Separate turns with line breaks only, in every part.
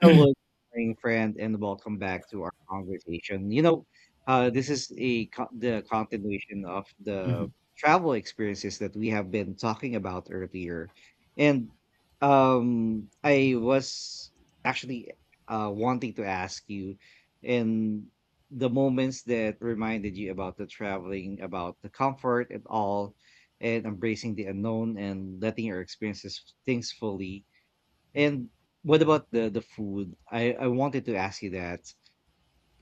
Hello, good morning friend, and welcome back to our conversation. This is the continuation of the
Mhm.
travel experiences that we have been talking about earlier, and I was actually, wanting to ask you, in the moments that reminded you about the traveling, about the comfort and all, and embracing the unknown and letting your experiences things fully, and what about the food? I wanted to ask you that.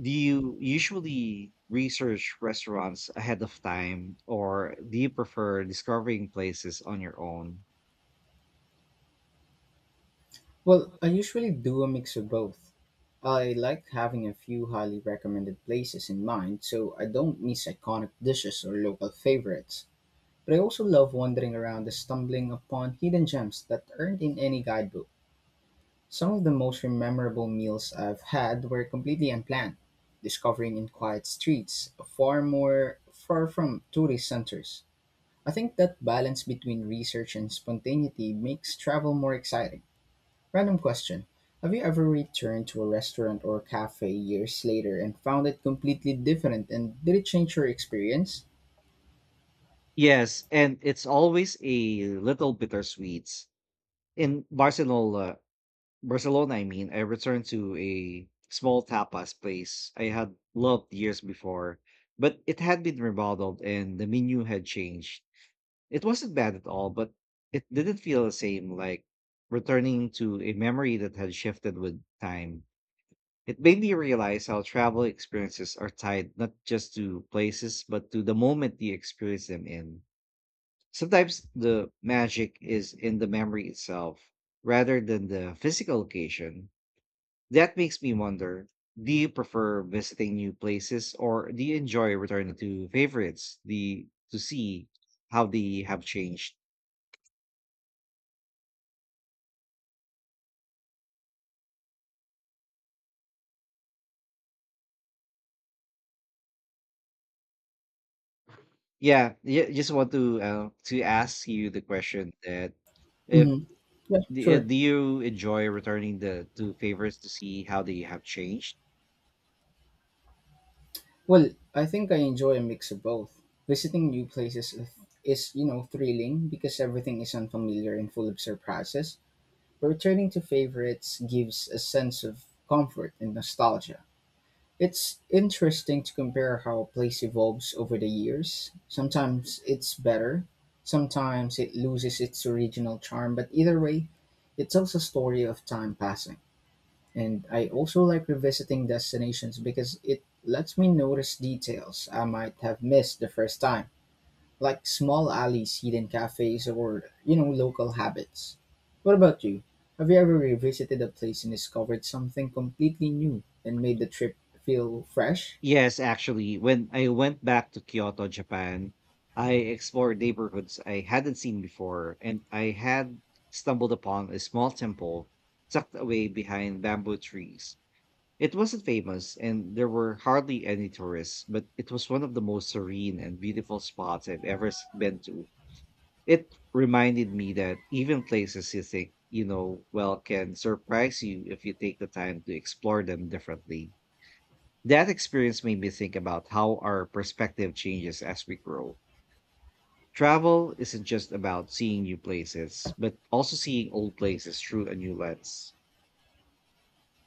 Do you usually research restaurants ahead of time, or do you prefer discovering places on your own?
Well, I usually do a mix of both. I like having a few highly recommended places in mind so I don't miss iconic dishes or local favorites. But I also love wandering around and stumbling upon hidden gems that aren't in any guidebook. Some of the most memorable meals I've had were completely unplanned, discovering in quiet streets, far from tourist centers. I think that balance between research and spontaneity makes travel more exciting. Random question. Have you ever returned to a restaurant or cafe years later and found it completely different and did it change your experience?
Yes, and it's always a little bittersweet. In Barcelona, Barcelona, I mean, I returned to a small tapas place I had loved years before, but it had been remodeled and the menu had changed. It wasn't bad at all, but it didn't feel the same, like returning to a memory that had shifted with time. It made me realize how travel experiences are tied not just to places, but to the moment you experience them in. Sometimes the magic is in the memory itself rather than the physical location. That makes me wonder, do you prefer visiting new places, or do you enjoy returning to favorites to see how they have changed? Yeah, yeah, just want to, to ask you the question that, if,
Yeah, sure.
do you enjoy returning the to favorites to see how they have changed?
Well, I think I enjoy a mix of both. Visiting new places is thrilling because everything is unfamiliar and full of surprises, but returning to favorites gives a sense of comfort and nostalgia. It's interesting to compare how a place evolves over the years. Sometimes it's better, sometimes it loses its original charm, but either way, it tells a story of time passing. And I also like revisiting destinations because it lets me notice details I might have missed the first time, like small alleys, hidden cafes, or, you know, local habits. What about you? Have you ever revisited a place and discovered something completely new and made the trip feel fresh?
Yes, actually, when I went back to Kyoto, Japan, I explored neighborhoods I hadn't seen before, and I had stumbled upon a small temple tucked away behind bamboo trees. It wasn't famous, and there were hardly any tourists, but it was one of the most serene and beautiful spots I've been to. It reminded me that even places you think you know well can surprise you if you take the time to explore them differently. That experience made me think about how our perspective changes as we grow. Travel isn't just about seeing new places, but also seeing old places through a new lens.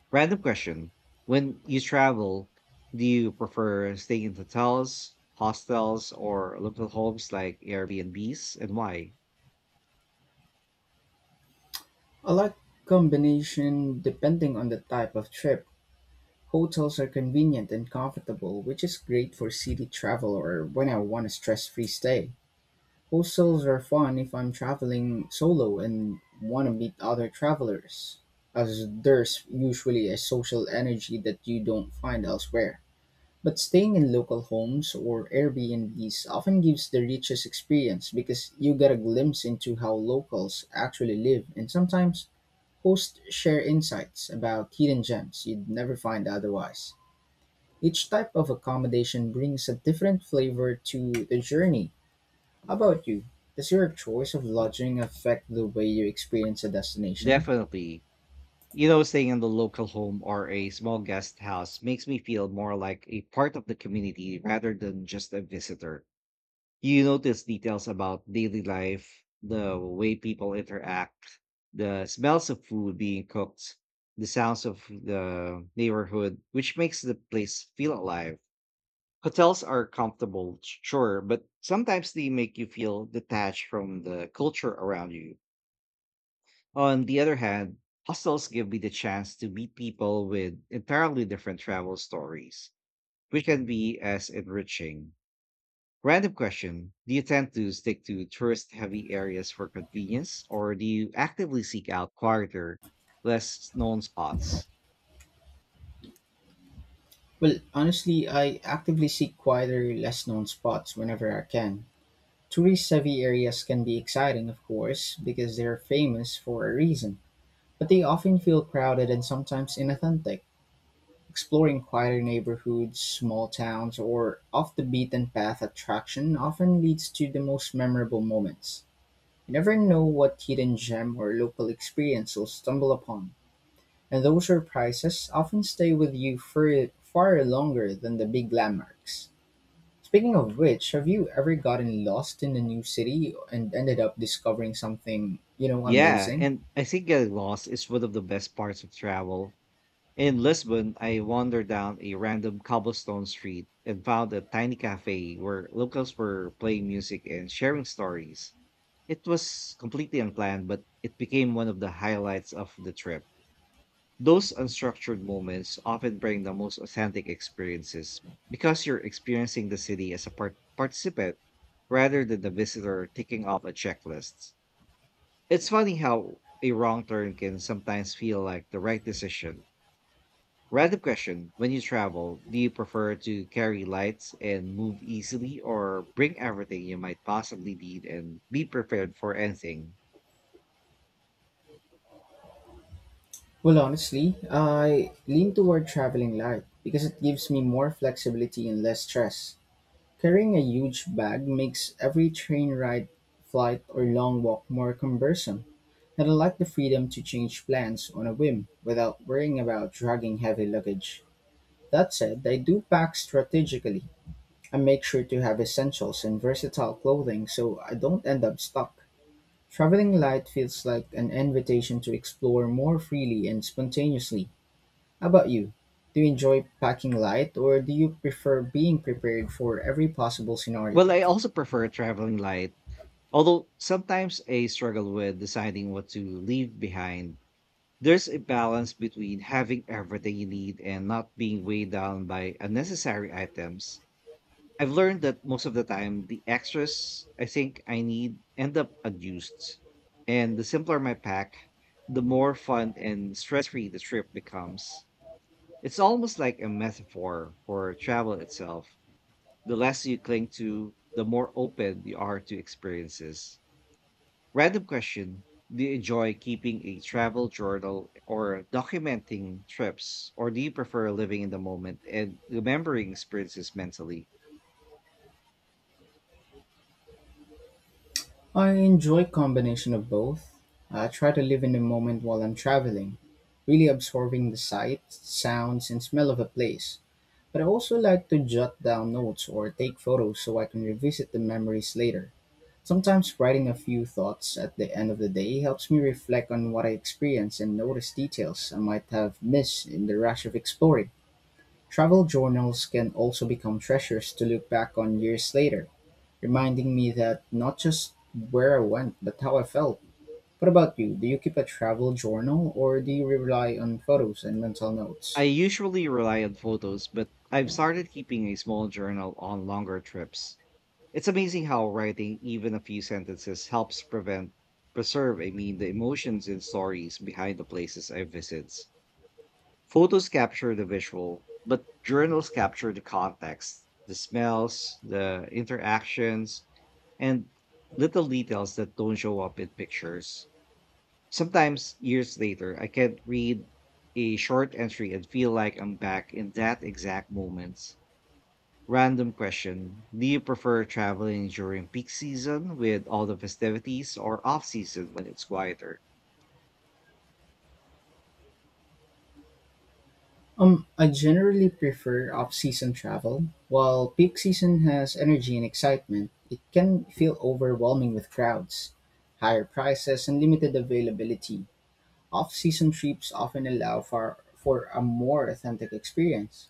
Random question. When you travel, do you prefer staying in hotels, hostels, or local homes like Airbnbs, and why?
I like combination depending on the type of trip. Hotels are convenient and comfortable, which is great for city travel or when I want a stress-free stay. Hostels are fun if I'm traveling solo and want to meet other travelers, as there's usually a social energy that you don't find elsewhere. But staying in local homes or Airbnbs often gives the richest experience because you get a glimpse into how locals actually live and sometimes hosts share insights about hidden gems you'd never find otherwise. Each type of accommodation brings a different flavor to the journey. How about you? Does your choice of lodging affect the way you experience a destination?
Definitely. You know, staying in the local home or a small guest house makes me feel more like a part of the community rather than just a visitor. You notice details about daily life, the way people interact, the smells of food being cooked, the sounds of the neighborhood, which makes the place feel alive. Hotels are comfortable, sure, but sometimes they make you feel detached from the culture around you. On the other hand, hostels give me the chance to meet people with entirely different travel stories, which can be as enriching. Random question. Do you tend to stick to tourist heavy areas for convenience, or do you actively seek out quieter, less known spots?
Well, honestly, I actively seek quieter, less known spots whenever I can. Tourist heavy areas can be exciting, of course, because they're famous for a reason, but they often feel crowded and sometimes inauthentic. Exploring quieter neighborhoods, small towns, or off-the-beaten-path attraction often leads to the most memorable moments. You never know what hidden gem or local experience you'll stumble upon, and those surprises often stay with you for far longer than the big landmarks. Speaking of which, have you ever gotten lost in a new city and ended up discovering something, you know,
Yeah,
amazing?
and I think getting lost is one of the best parts of travel. In Lisbon, I wandered down a random cobblestone street and found a tiny cafe where locals were playing music and sharing stories. It was completely unplanned, but it became one of the highlights of the trip. Those unstructured moments often bring the most authentic experiences because you're experiencing the city as a participant rather than the visitor ticking off a checklist. It's funny how a wrong turn can sometimes feel like the right decision. Random question. When you travel, do you prefer to carry lights and move easily, or bring everything you might possibly need and be prepared for anything?
Well, honestly, I lean toward traveling light because it gives me more flexibility and less stress. Carrying a huge bag makes every train ride, flight, or long walk more cumbersome, and I like the freedom to change plans on a whim without worrying about dragging heavy luggage. That said, I do pack strategically. I make sure to have essentials and versatile clothing so I don't end up stuck. Traveling light feels like an invitation to explore more freely and spontaneously. How about you? Do you enjoy packing light or do you prefer being prepared for every possible scenario?
Well, I also prefer traveling light, although sometimes I struggle with deciding what to leave behind. There's a balance between having everything you need and not being weighed down by unnecessary items. I've learned that most of the time, the extras I think I need end up unused. And the simpler my pack, the more fun and stress free the trip becomes. It's almost like a metaphor for travel itself. The less you cling to, the more open you are to experiences. Random question. Do you enjoy keeping a travel journal or documenting trips, or do you prefer living in the moment and remembering experiences mentally?
I enjoy combination of both. I try to live in the moment while I'm traveling, really absorbing the sights, sounds, and smell of a place. But I also like to jot down notes or take photos so I can revisit the memories later. Sometimes writing a few thoughts at the end of the day helps me reflect on what I experienced and notice details I might have missed in the rush of exploring. Travel journals can also become treasures to look back on years later, reminding me that not just where I went, but how I felt. What about you? Do you keep a travel journal or do you rely on photos and mental
I
notes?
usually rely on photos, but I've started keeping a small journal on longer trips. It's amazing how writing even a few sentences helps prevent preserve, I mean, the emotions and stories behind the places I visit. Photos capture the visual, but journals capture the context, the smells, the interactions, and little details that don't show up in pictures. Sometimes, years later, I can read a short entry and feel like I'm back in that exact moment. Random question. Do you prefer traveling during peak season with all the festivities, or off season when it's quieter?
I generally prefer off-season travel. While peak season has energy and excitement, it can feel overwhelming with crowds, higher prices, and limited availability. Off-season trips often allow for a more authentic experience.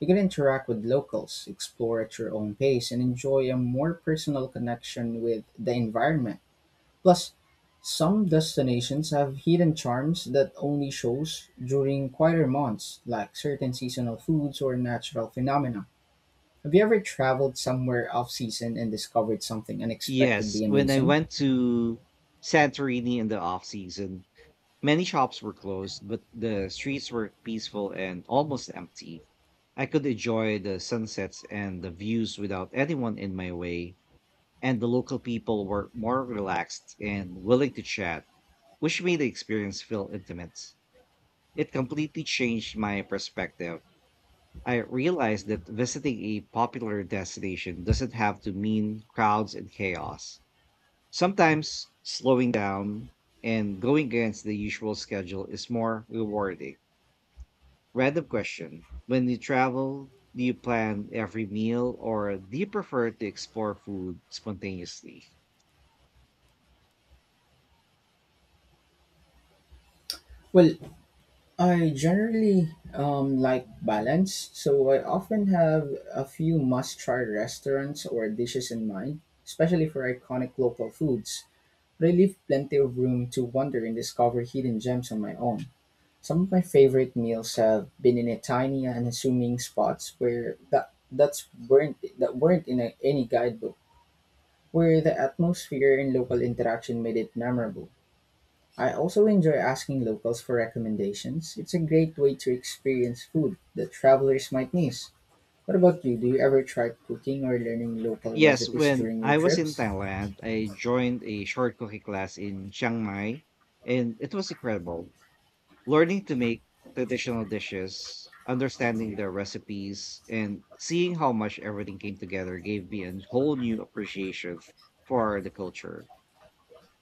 You can interact with locals, explore at your own pace, and enjoy a more personal connection with the environment. Plus, some destinations have hidden charms that only shows during quieter months, like certain seasonal foods or natural phenomena. Have you ever traveled somewhere off season and discovered something
Yes,
unexpectedly
when I
amazing?
went to Santorini in the off season, many shops were closed, but the streets were peaceful and almost empty. I could enjoy the sunsets and the views without anyone in my way, and the local people were more relaxed and willing to chat, which made the experience feel intimate. It completely changed my perspective. I realized that visiting a popular destination doesn't have to mean crowds and chaos. Sometimes slowing down and going against the usual schedule is more rewarding. Random question. When you travel, do you plan every meal, or do you prefer to explore food spontaneously?
Well, I generally like balance, so I often have a few must try restaurants or dishes in mind, especially for iconic local foods. But I leave plenty of room to wander and discover hidden gems on my own. Some of my favorite meals have been in a tiny and unassuming spots where that that's weren't that weren't in a, any guidebook, where the atmosphere and local interaction made it memorable. I also enjoy asking locals for recommendations. It's a great way to experience food that travelers might miss. What about you? Do you ever try cooking or learning local
Yes,
recipes
when
during your
I was in
trips?
Thailand, I joined a short cooking class in Chiang Mai, and it was incredible. Learning to make traditional dishes, understanding their recipes, and seeing how much everything came together gave me a whole new appreciation for the culture.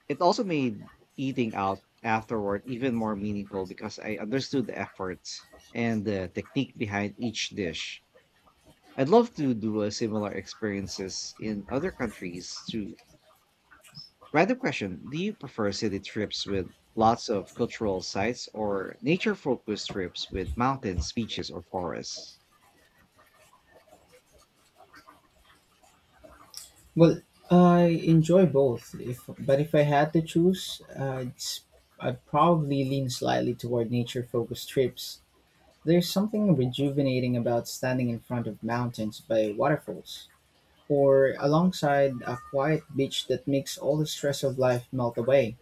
It also made eating out afterward even more meaningful because I understood the efforts and the technique behind each dish. I'd love to do a similar experiences in other countries to Random question. Do you prefer city trips with lots of cultural sites, or nature focused trips with mountains, beaches, or forests?
Well, I enjoy both. If but if I had to choose, it's, I'd probably lean slightly toward nature-focused trips. There's something rejuvenating about standing in front of mountains by waterfalls, or alongside a quiet beach that makes all the stress of life melt away.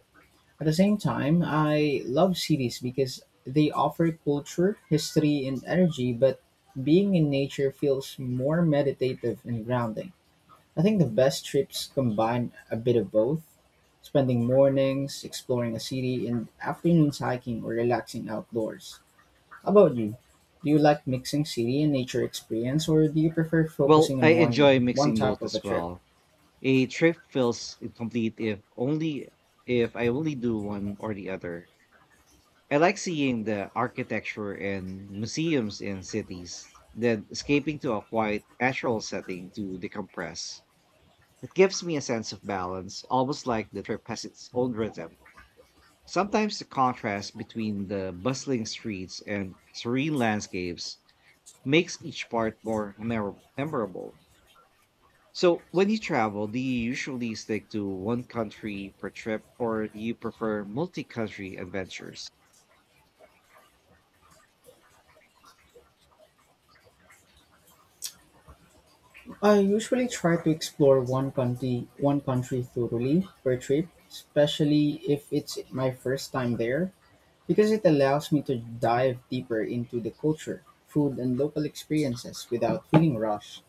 At the same time, I love cities because they offer culture, history, and energy, but being in nature feels more meditative and grounding. I think the best trips combine a bit of both, spending mornings exploring a city and afternoons hiking or relaxing outdoors. How about you? Do you like mixing city and nature experience, or do you prefer
Well,
focusing on
I
one,
enjoy
one
mixing
type
both
of a
as
trip?
well. A trip feels incomplete if I only do one or the other. I like seeing the architecture and museums in cities, then escaping to a quiet natural setting to decompress. It gives me a sense of balance, almost like the trip has its own rhythm. Sometimes the contrast between the bustling streets and serene landscapes makes each part more memorable. So, when you travel, do you usually stick to one country per trip, or do you prefer multi country adventures?
I usually try to explore one country thoroughly per trip, especially if it's my first time there, because it allows me to dive deeper into the culture, food and local experiences without feeling rushed.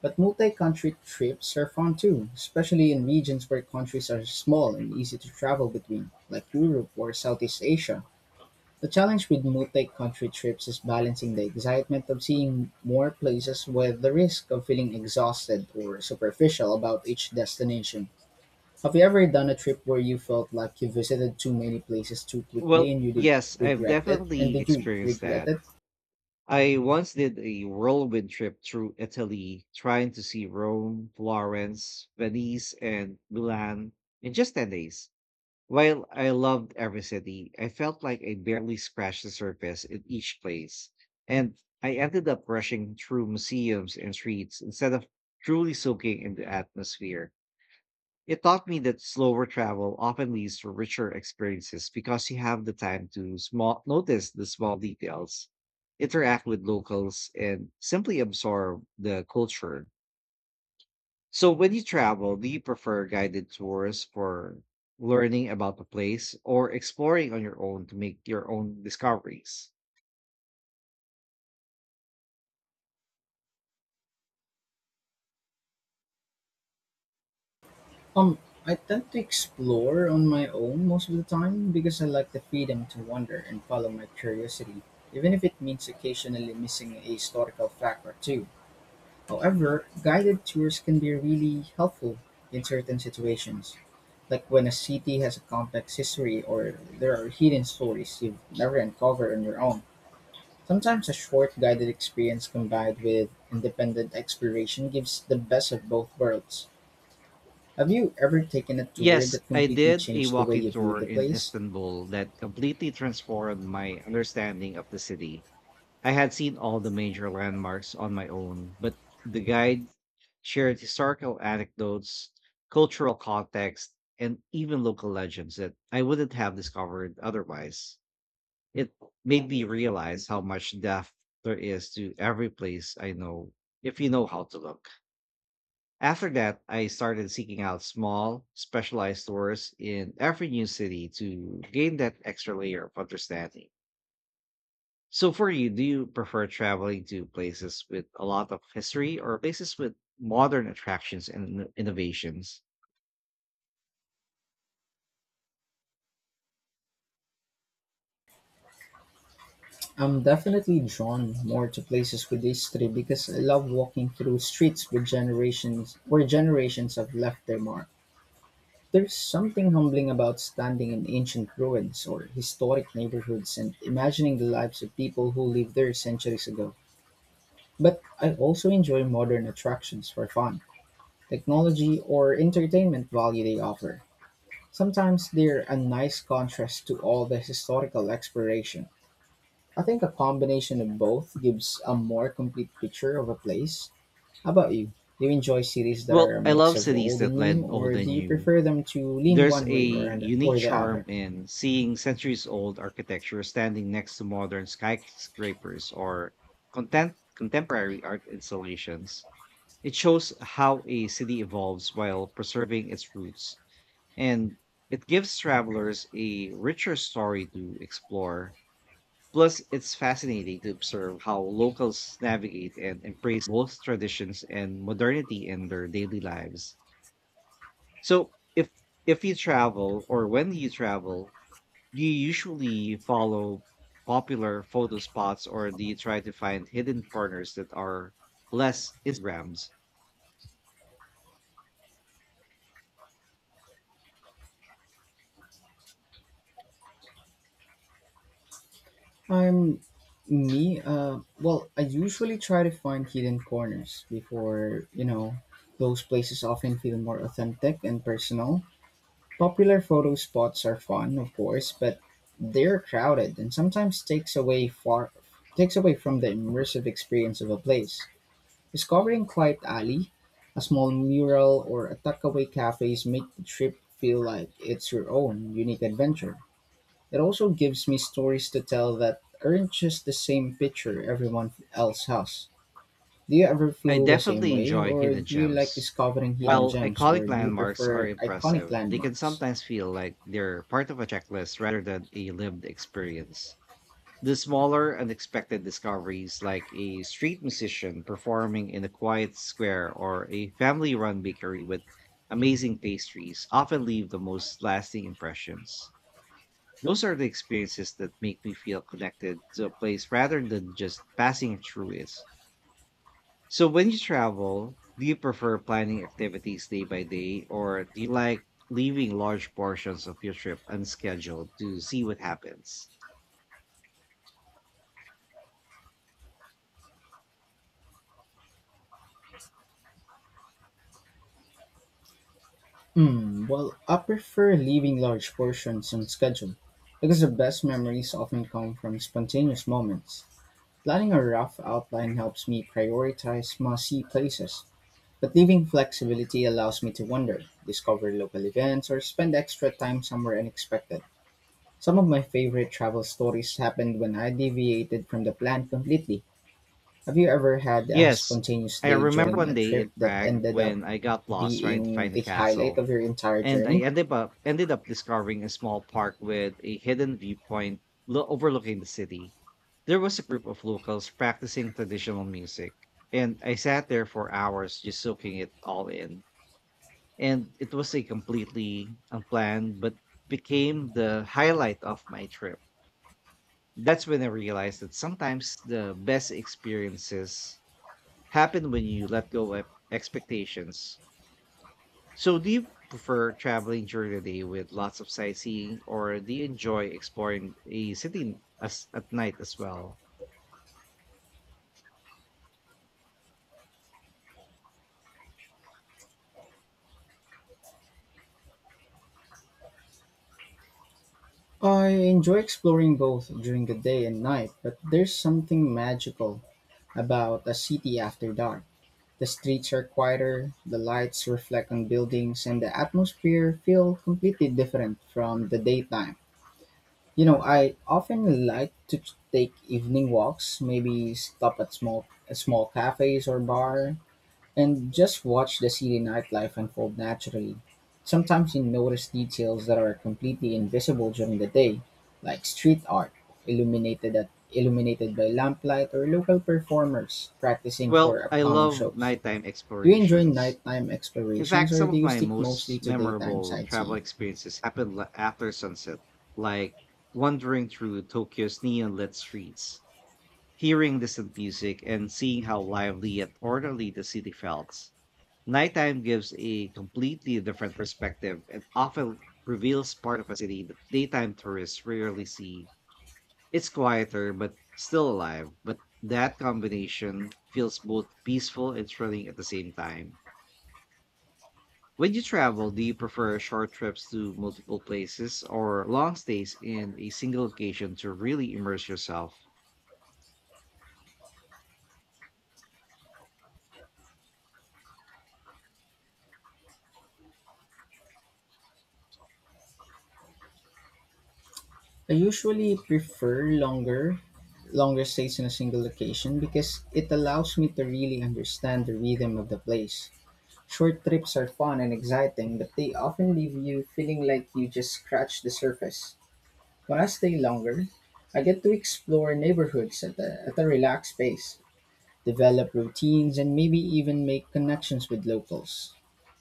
But multi-country trips are fun too, especially in regions where countries are small and easy to travel between, like Europe or Southeast Asia. The challenge with multi-country trips is balancing the excitement of seeing more places with the risk of feeling exhausted or superficial about each destination. Have you ever done a trip where you felt like you visited too many places too quickly
Well,
and you did
yes, I've
regret it? And
definitely
did you
experienced
regret
that.
it?
I once did a whirlwind trip through Italy, trying to see Rome, Florence, Venice, and Milan in just 10 days. While I loved every city, I felt like I barely scratched the surface in each place, and I ended up rushing through museums and streets instead of truly soaking in the atmosphere. It taught me that slower travel often leads to richer experiences because you have the time to small notice the small details, interact with locals, and simply absorb the culture. So, when you travel, do you prefer guided tours for learning about the place, or exploring on your own to make your own discoveries?
Um, I tend to explore on my own most of the time because I like the freedom to wander and follow my curiosity, even if it means occasionally missing a historical fact or two. However, guided tours can be really helpful in certain situations, like when a city has a complex history or there are hidden stories you've never uncovered on your own. Sometimes a short guided experience combined with independent exploration gives the best of both worlds. Have you ever taken a tour
Yes,
that
I
completely
did a
changed the way
walking
you viewed
tour
the
in
place?
Istanbul that completely transformed my understanding of the city. I had seen all the major landmarks on my own, but the guide shared historical anecdotes, cultural context, and even local legends that I wouldn't have discovered otherwise. It made me realize how much depth there is to every place, I know, if you know how to look. After that, I started seeking out small, specialized stores in every new city to gain that extra layer of understanding. So, for you, do you prefer traveling to places with a lot of history, or places with modern attractions and innovations?
I'm definitely drawn more to places with history because I love walking through streets with generations where generations have left their mark. There's something humbling about standing in ancient ruins or historic neighborhoods and imagining the lives of people who lived there centuries ago. But I also enjoy modern attractions for fun, technology, or entertainment value they offer. Sometimes they're a nice contrast to all the historical exploration. I think a combination of both gives a more complete picture of a place. How about you? Do you enjoy series that are
Well,
a
I
mix
love
of
cities
old
that
and new,
blend old
or
and
do you
new.
prefer them to lean
There's
one
a
way or, and,
unique
or the
charm
other?
in seeing centuries old architecture standing next to modern skyscrapers or contemporary art installations. It shows how a city evolves while preserving its roots, and it gives travelers a richer story to explore. Plus, it's fascinating to observe how locals navigate and embrace both traditions and modernity in their daily lives. So, if you travel, or when you travel, do you usually follow popular photo spots, or do you try to find hidden corners that are less Instagrams?
I'm me. Well, I usually try to find hidden corners before you know. Those places often feel more authentic and personal. Popular photo spots are fun, of course, but they're crowded and sometimes takes away from the immersive experience of a place. Discovering quiet alley, a small mural, or a tuckaway cafes make the trip feel like it's your own unique adventure. It also gives me stories to tell that aren't just the same picture everyone else has. Do you ever
I
feel the same
definitely
way,
enjoy
or
hidden
do you like
gems.
discovering hidden
While
gems, or
iconic
do you
landmarks are
prefer iconic
impressive, they can
landmarks?
sometimes feel like they're part of a checklist rather than a lived experience. The smaller, unexpected discoveries, like a street musician performing in a quiet square or a family run bakery with amazing pastries, often leave the most lasting impressions. Those are the experiences that make me feel connected to a place rather than just passing through it. So, when you travel, do you prefer planning activities day by day, or do you like leaving large portions of your trip unscheduled to see what happens?
Well, I prefer leaving large portions on schedule because the best memories often come from spontaneous moments. Planning a rough outline helps me prioritize must see places, but leaving flexibility allows me to wander, discover local events, or spend extra time somewhere unexpected. Some of my favorite travel stories happened when I deviated from the plan completely. Have you ever had a
Yes,
spontaneous
I
day
remember
during
one
a
day in
trip that
Prague
ended up
when I got lost trying to
being
find a
the highlight
castle,
of your entire
and I
journey?
ended up discovering a small park with a hidden viewpoint overlooking the city. There was a group of locals practicing traditional music, and I sat there for hours just soaking it all in. And it was a completely unplanned, but became the highlight of my trip. That's when I realized that sometimes the best experiences happen when you let go of expectations. So, do you prefer traveling during the day with lots of sightseeing, or do you enjoy exploring a city at night as well?
I enjoy exploring both during the day and night, but there's something magical about a city after dark. The streets are quieter, the lights reflect on buildings, and the atmosphere feel completely different from the daytime. You know, I often like to take evening walks, maybe stop at small cafes or bar, and just watch the city nightlife unfold naturally. Sometimes you notice details that are completely invisible during the day, like street art illuminated by lamplight or local performers practicing for
Well, I
upcoming
love
shows.
nighttime
Do you enjoy
explorations.
nighttime
In
explorations
fact,
or
some
do
of
you
my
stick mostly
most
to daytime
memorable travel
sightseeing?
experiences happened after sunset, like wandering through Tokyo's neon lit streets, hearing distant music, and seeing how lively yet orderly the city felt. Nighttime gives a completely different perspective and often reveals part of a city that daytime tourists rarely see. It's quieter but still alive, but that combination feels both peaceful and thrilling at the same time. When you travel, do you prefer short trips to multiple places or long stays in a single location to really immerse yourself?
I usually prefer longer stays in a single location because it allows me to really understand the rhythm of the place. Short trips are fun and exciting, but they often leave you feeling like you just scratched the surface. When I stay longer, I get to explore neighborhoods at a relaxed pace, develop routines, and maybe even make connections with locals.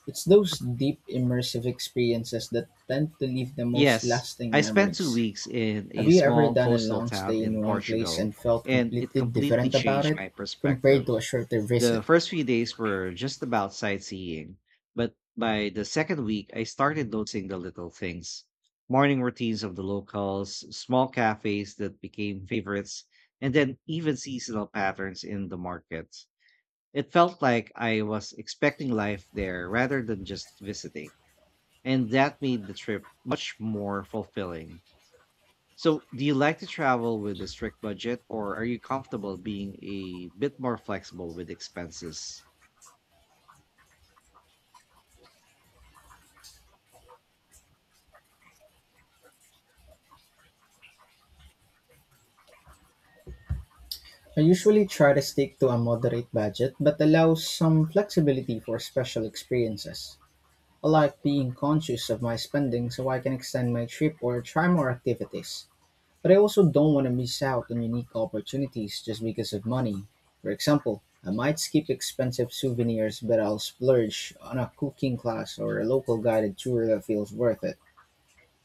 It's those deep, immersive experiences that tend to leave the most
Yes,
lasting
I spent two
memories.
weeks in
Have
a
you ever
small
done a
coastal
long
town
stay
in
in one place
Portugal,
and felt
and it
completely
completely
different about
changed
it
my
compared to
perspective.
a shorter
The
visit?
first few days were just about sightseeing, but by the second week, I started noticing the little things morning routines of the locals, small cafes that became favorites, and then even seasonal patterns in the markets. It felt like I was expecting life there rather than just visiting, and that made the trip much more fulfilling. So, do you like to travel with a strict budget, or are you comfortable being a bit more flexible with expenses?
I usually try to stick to a moderate budget but allow some flexibility for special experiences. I like being conscious of my spending so I can extend my trip or try more activities. But I also don't want to miss out on unique opportunities just because of money. For example, I might skip expensive souvenirs but I'll splurge on a cooking class or a local guided tour that feels worth it.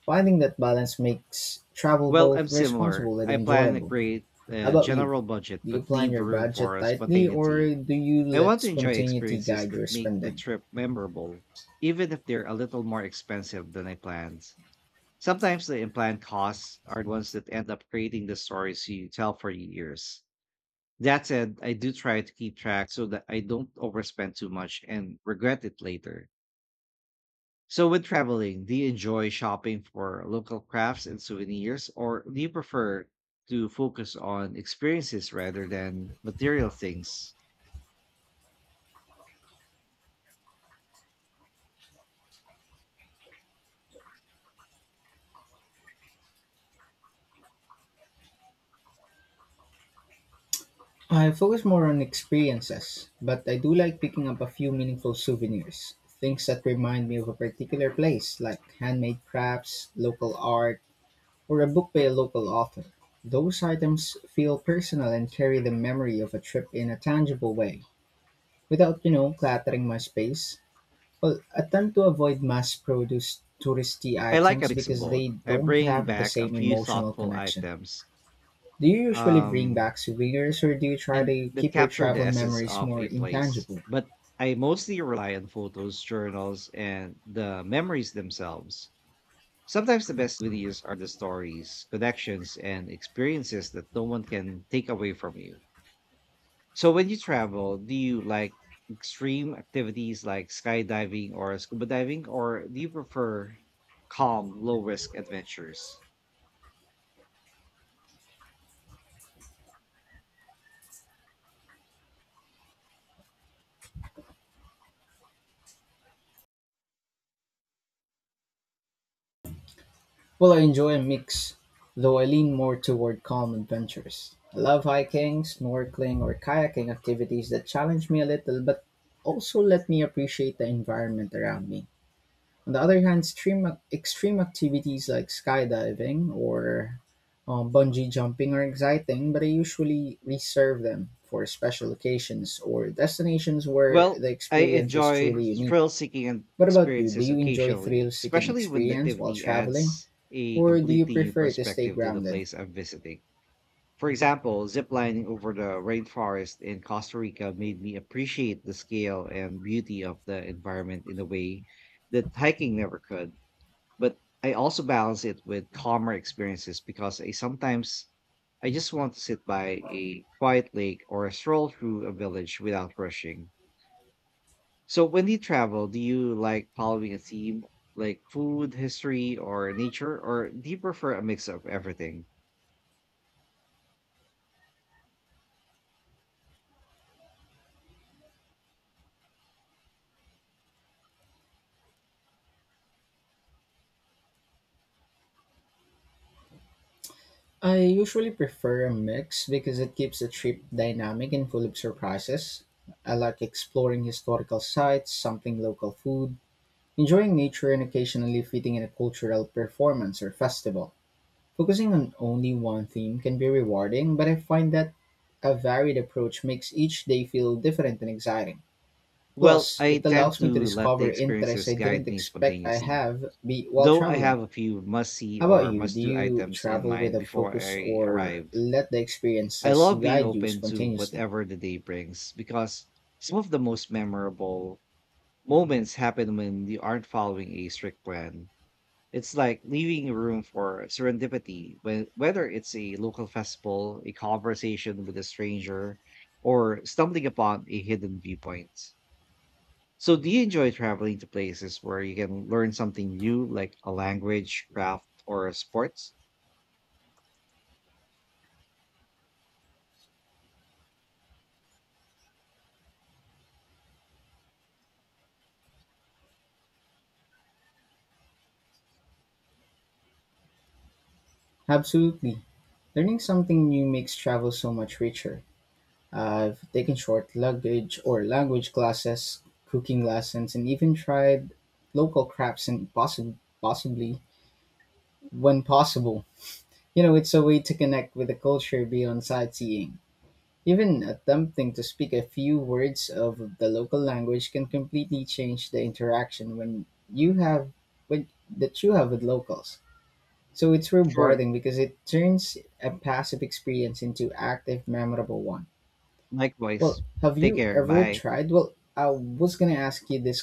Finding that balance makes travel
Well, I'm
both
similar.
responsible and
I plan a
enjoyable.
great
How about you?
general budget,
Do you
but
plan
leave
your
room
budget
for
tightly
spontaneity.
or do you
I want
let
to enjoy
spontaneity
experiences
guide your
that make the
spending?
trip memorable, even if they're a little more expensive than I planned. Sometimes the unplanned costs are the ones that end up creating the stories you tell for years. That said, I do try to keep track so that I don't overspend too much and regret it later. So, when traveling, do you enjoy shopping for local crafts and souvenirs, or do you prefer to focus on experiences rather than material things?
I focus more on experiences, but I do like picking up a few meaningful souvenirs. Things that remind me of a particular place, like handmade crafts, local art, or a book by a local author. Those items feel personal and carry the memory of a trip in a tangible way, without, you know, cluttering my space. Well, I tend to avoid mass-produced touristy
I like a
items
mix of
because they
both. I
don't
bring
have the
back a
same
few
emotional
thoughtful
connection.
items,
Do you usually bring
um,
back souvenirs or do you try
and
to
that
keep your
capture the
travel
essence
memories
of
more
a place.
intangible?
But I mostly rely on photos, journals, and the memories themselves. Sometimes the best souvenirs are the stories, connections, and experiences that no one can take away from you. So when you travel, do you like extreme activities like skydiving or scuba diving, or do you prefer calm, low risk adventures?
Well, I enjoy a mix, though I lean more toward calm adventures. I love hiking, snorkeling, or kayaking activities that challenge me a little but also let me appreciate the environment around me. On the other hand, extreme activities like skydiving or bungee jumping are exciting, but I usually reserve them for special occasions or destinations where
Well,
the
I
experience is
enjoy
truly unique.
thrill seeking and
What about you? Do
experiences
you enjoy
occasionally,
thrill-seeking
especially when the
experience while
activity
traveling,
adds a
or do you
completely new
prefer to stay
perspective to the
grounded?
place I'm visiting. For example, ziplining over the rainforest in Costa Rica made me appreciate the scale and beauty of the environment in a way that hiking never could. But I also balance it with calmer experiences because I just want to sit by a quiet lake or stroll through a village without rushing. So when you travel, do you like following a theme like food, history, or nature, or do you prefer a mix of everything?
I usually prefer a mix because it keeps the trip dynamic and full of surprises. I like exploring historical sites, something local food, enjoying nature and occasionally fitting in a cultural performance or festival. Focusing on only one theme can be rewarding, but I find that a varied approach makes each day feel different and exciting.
Well,
Plus,
I
it
tend
allows
to
me to
let the
discover interests
experiences
I
guide
didn't
me
expect I
spontaneously,
have be while
though I have
traveling.
a few must see
How about
or
you?
must
Do
do
you
items in
travel with
mind
a
before
focus
I
or
arrive.
let the
I
experiences
love being
guide you
open to
spontaneously?
whatever the day brings because some of the most memorable moments happen when you aren't following a strict plan. It's like leaving room for serendipity, whether it's a local festival, a conversation with a stranger, or stumbling upon a hidden viewpoint. So, do you enjoy traveling to places where you can learn something new, like a language, craft, or sports?
Absolutely. Learning something new makes travel so much richer. I've taken short luggage or language classes, cooking lessons, and even tried local crafts and possibly, when possible. You know, it's a way to connect with the culture beyond sightseeing. Even attempting to speak a few words of the local language can completely change the interaction when you have when, that you have with locals. So it's
Sure.
rewarding because it turns a passive experience into active, memorable one. Well,
Likewise.
have
Take
you
care.
ever
Bye.
tried? Well, I was gonna ask you this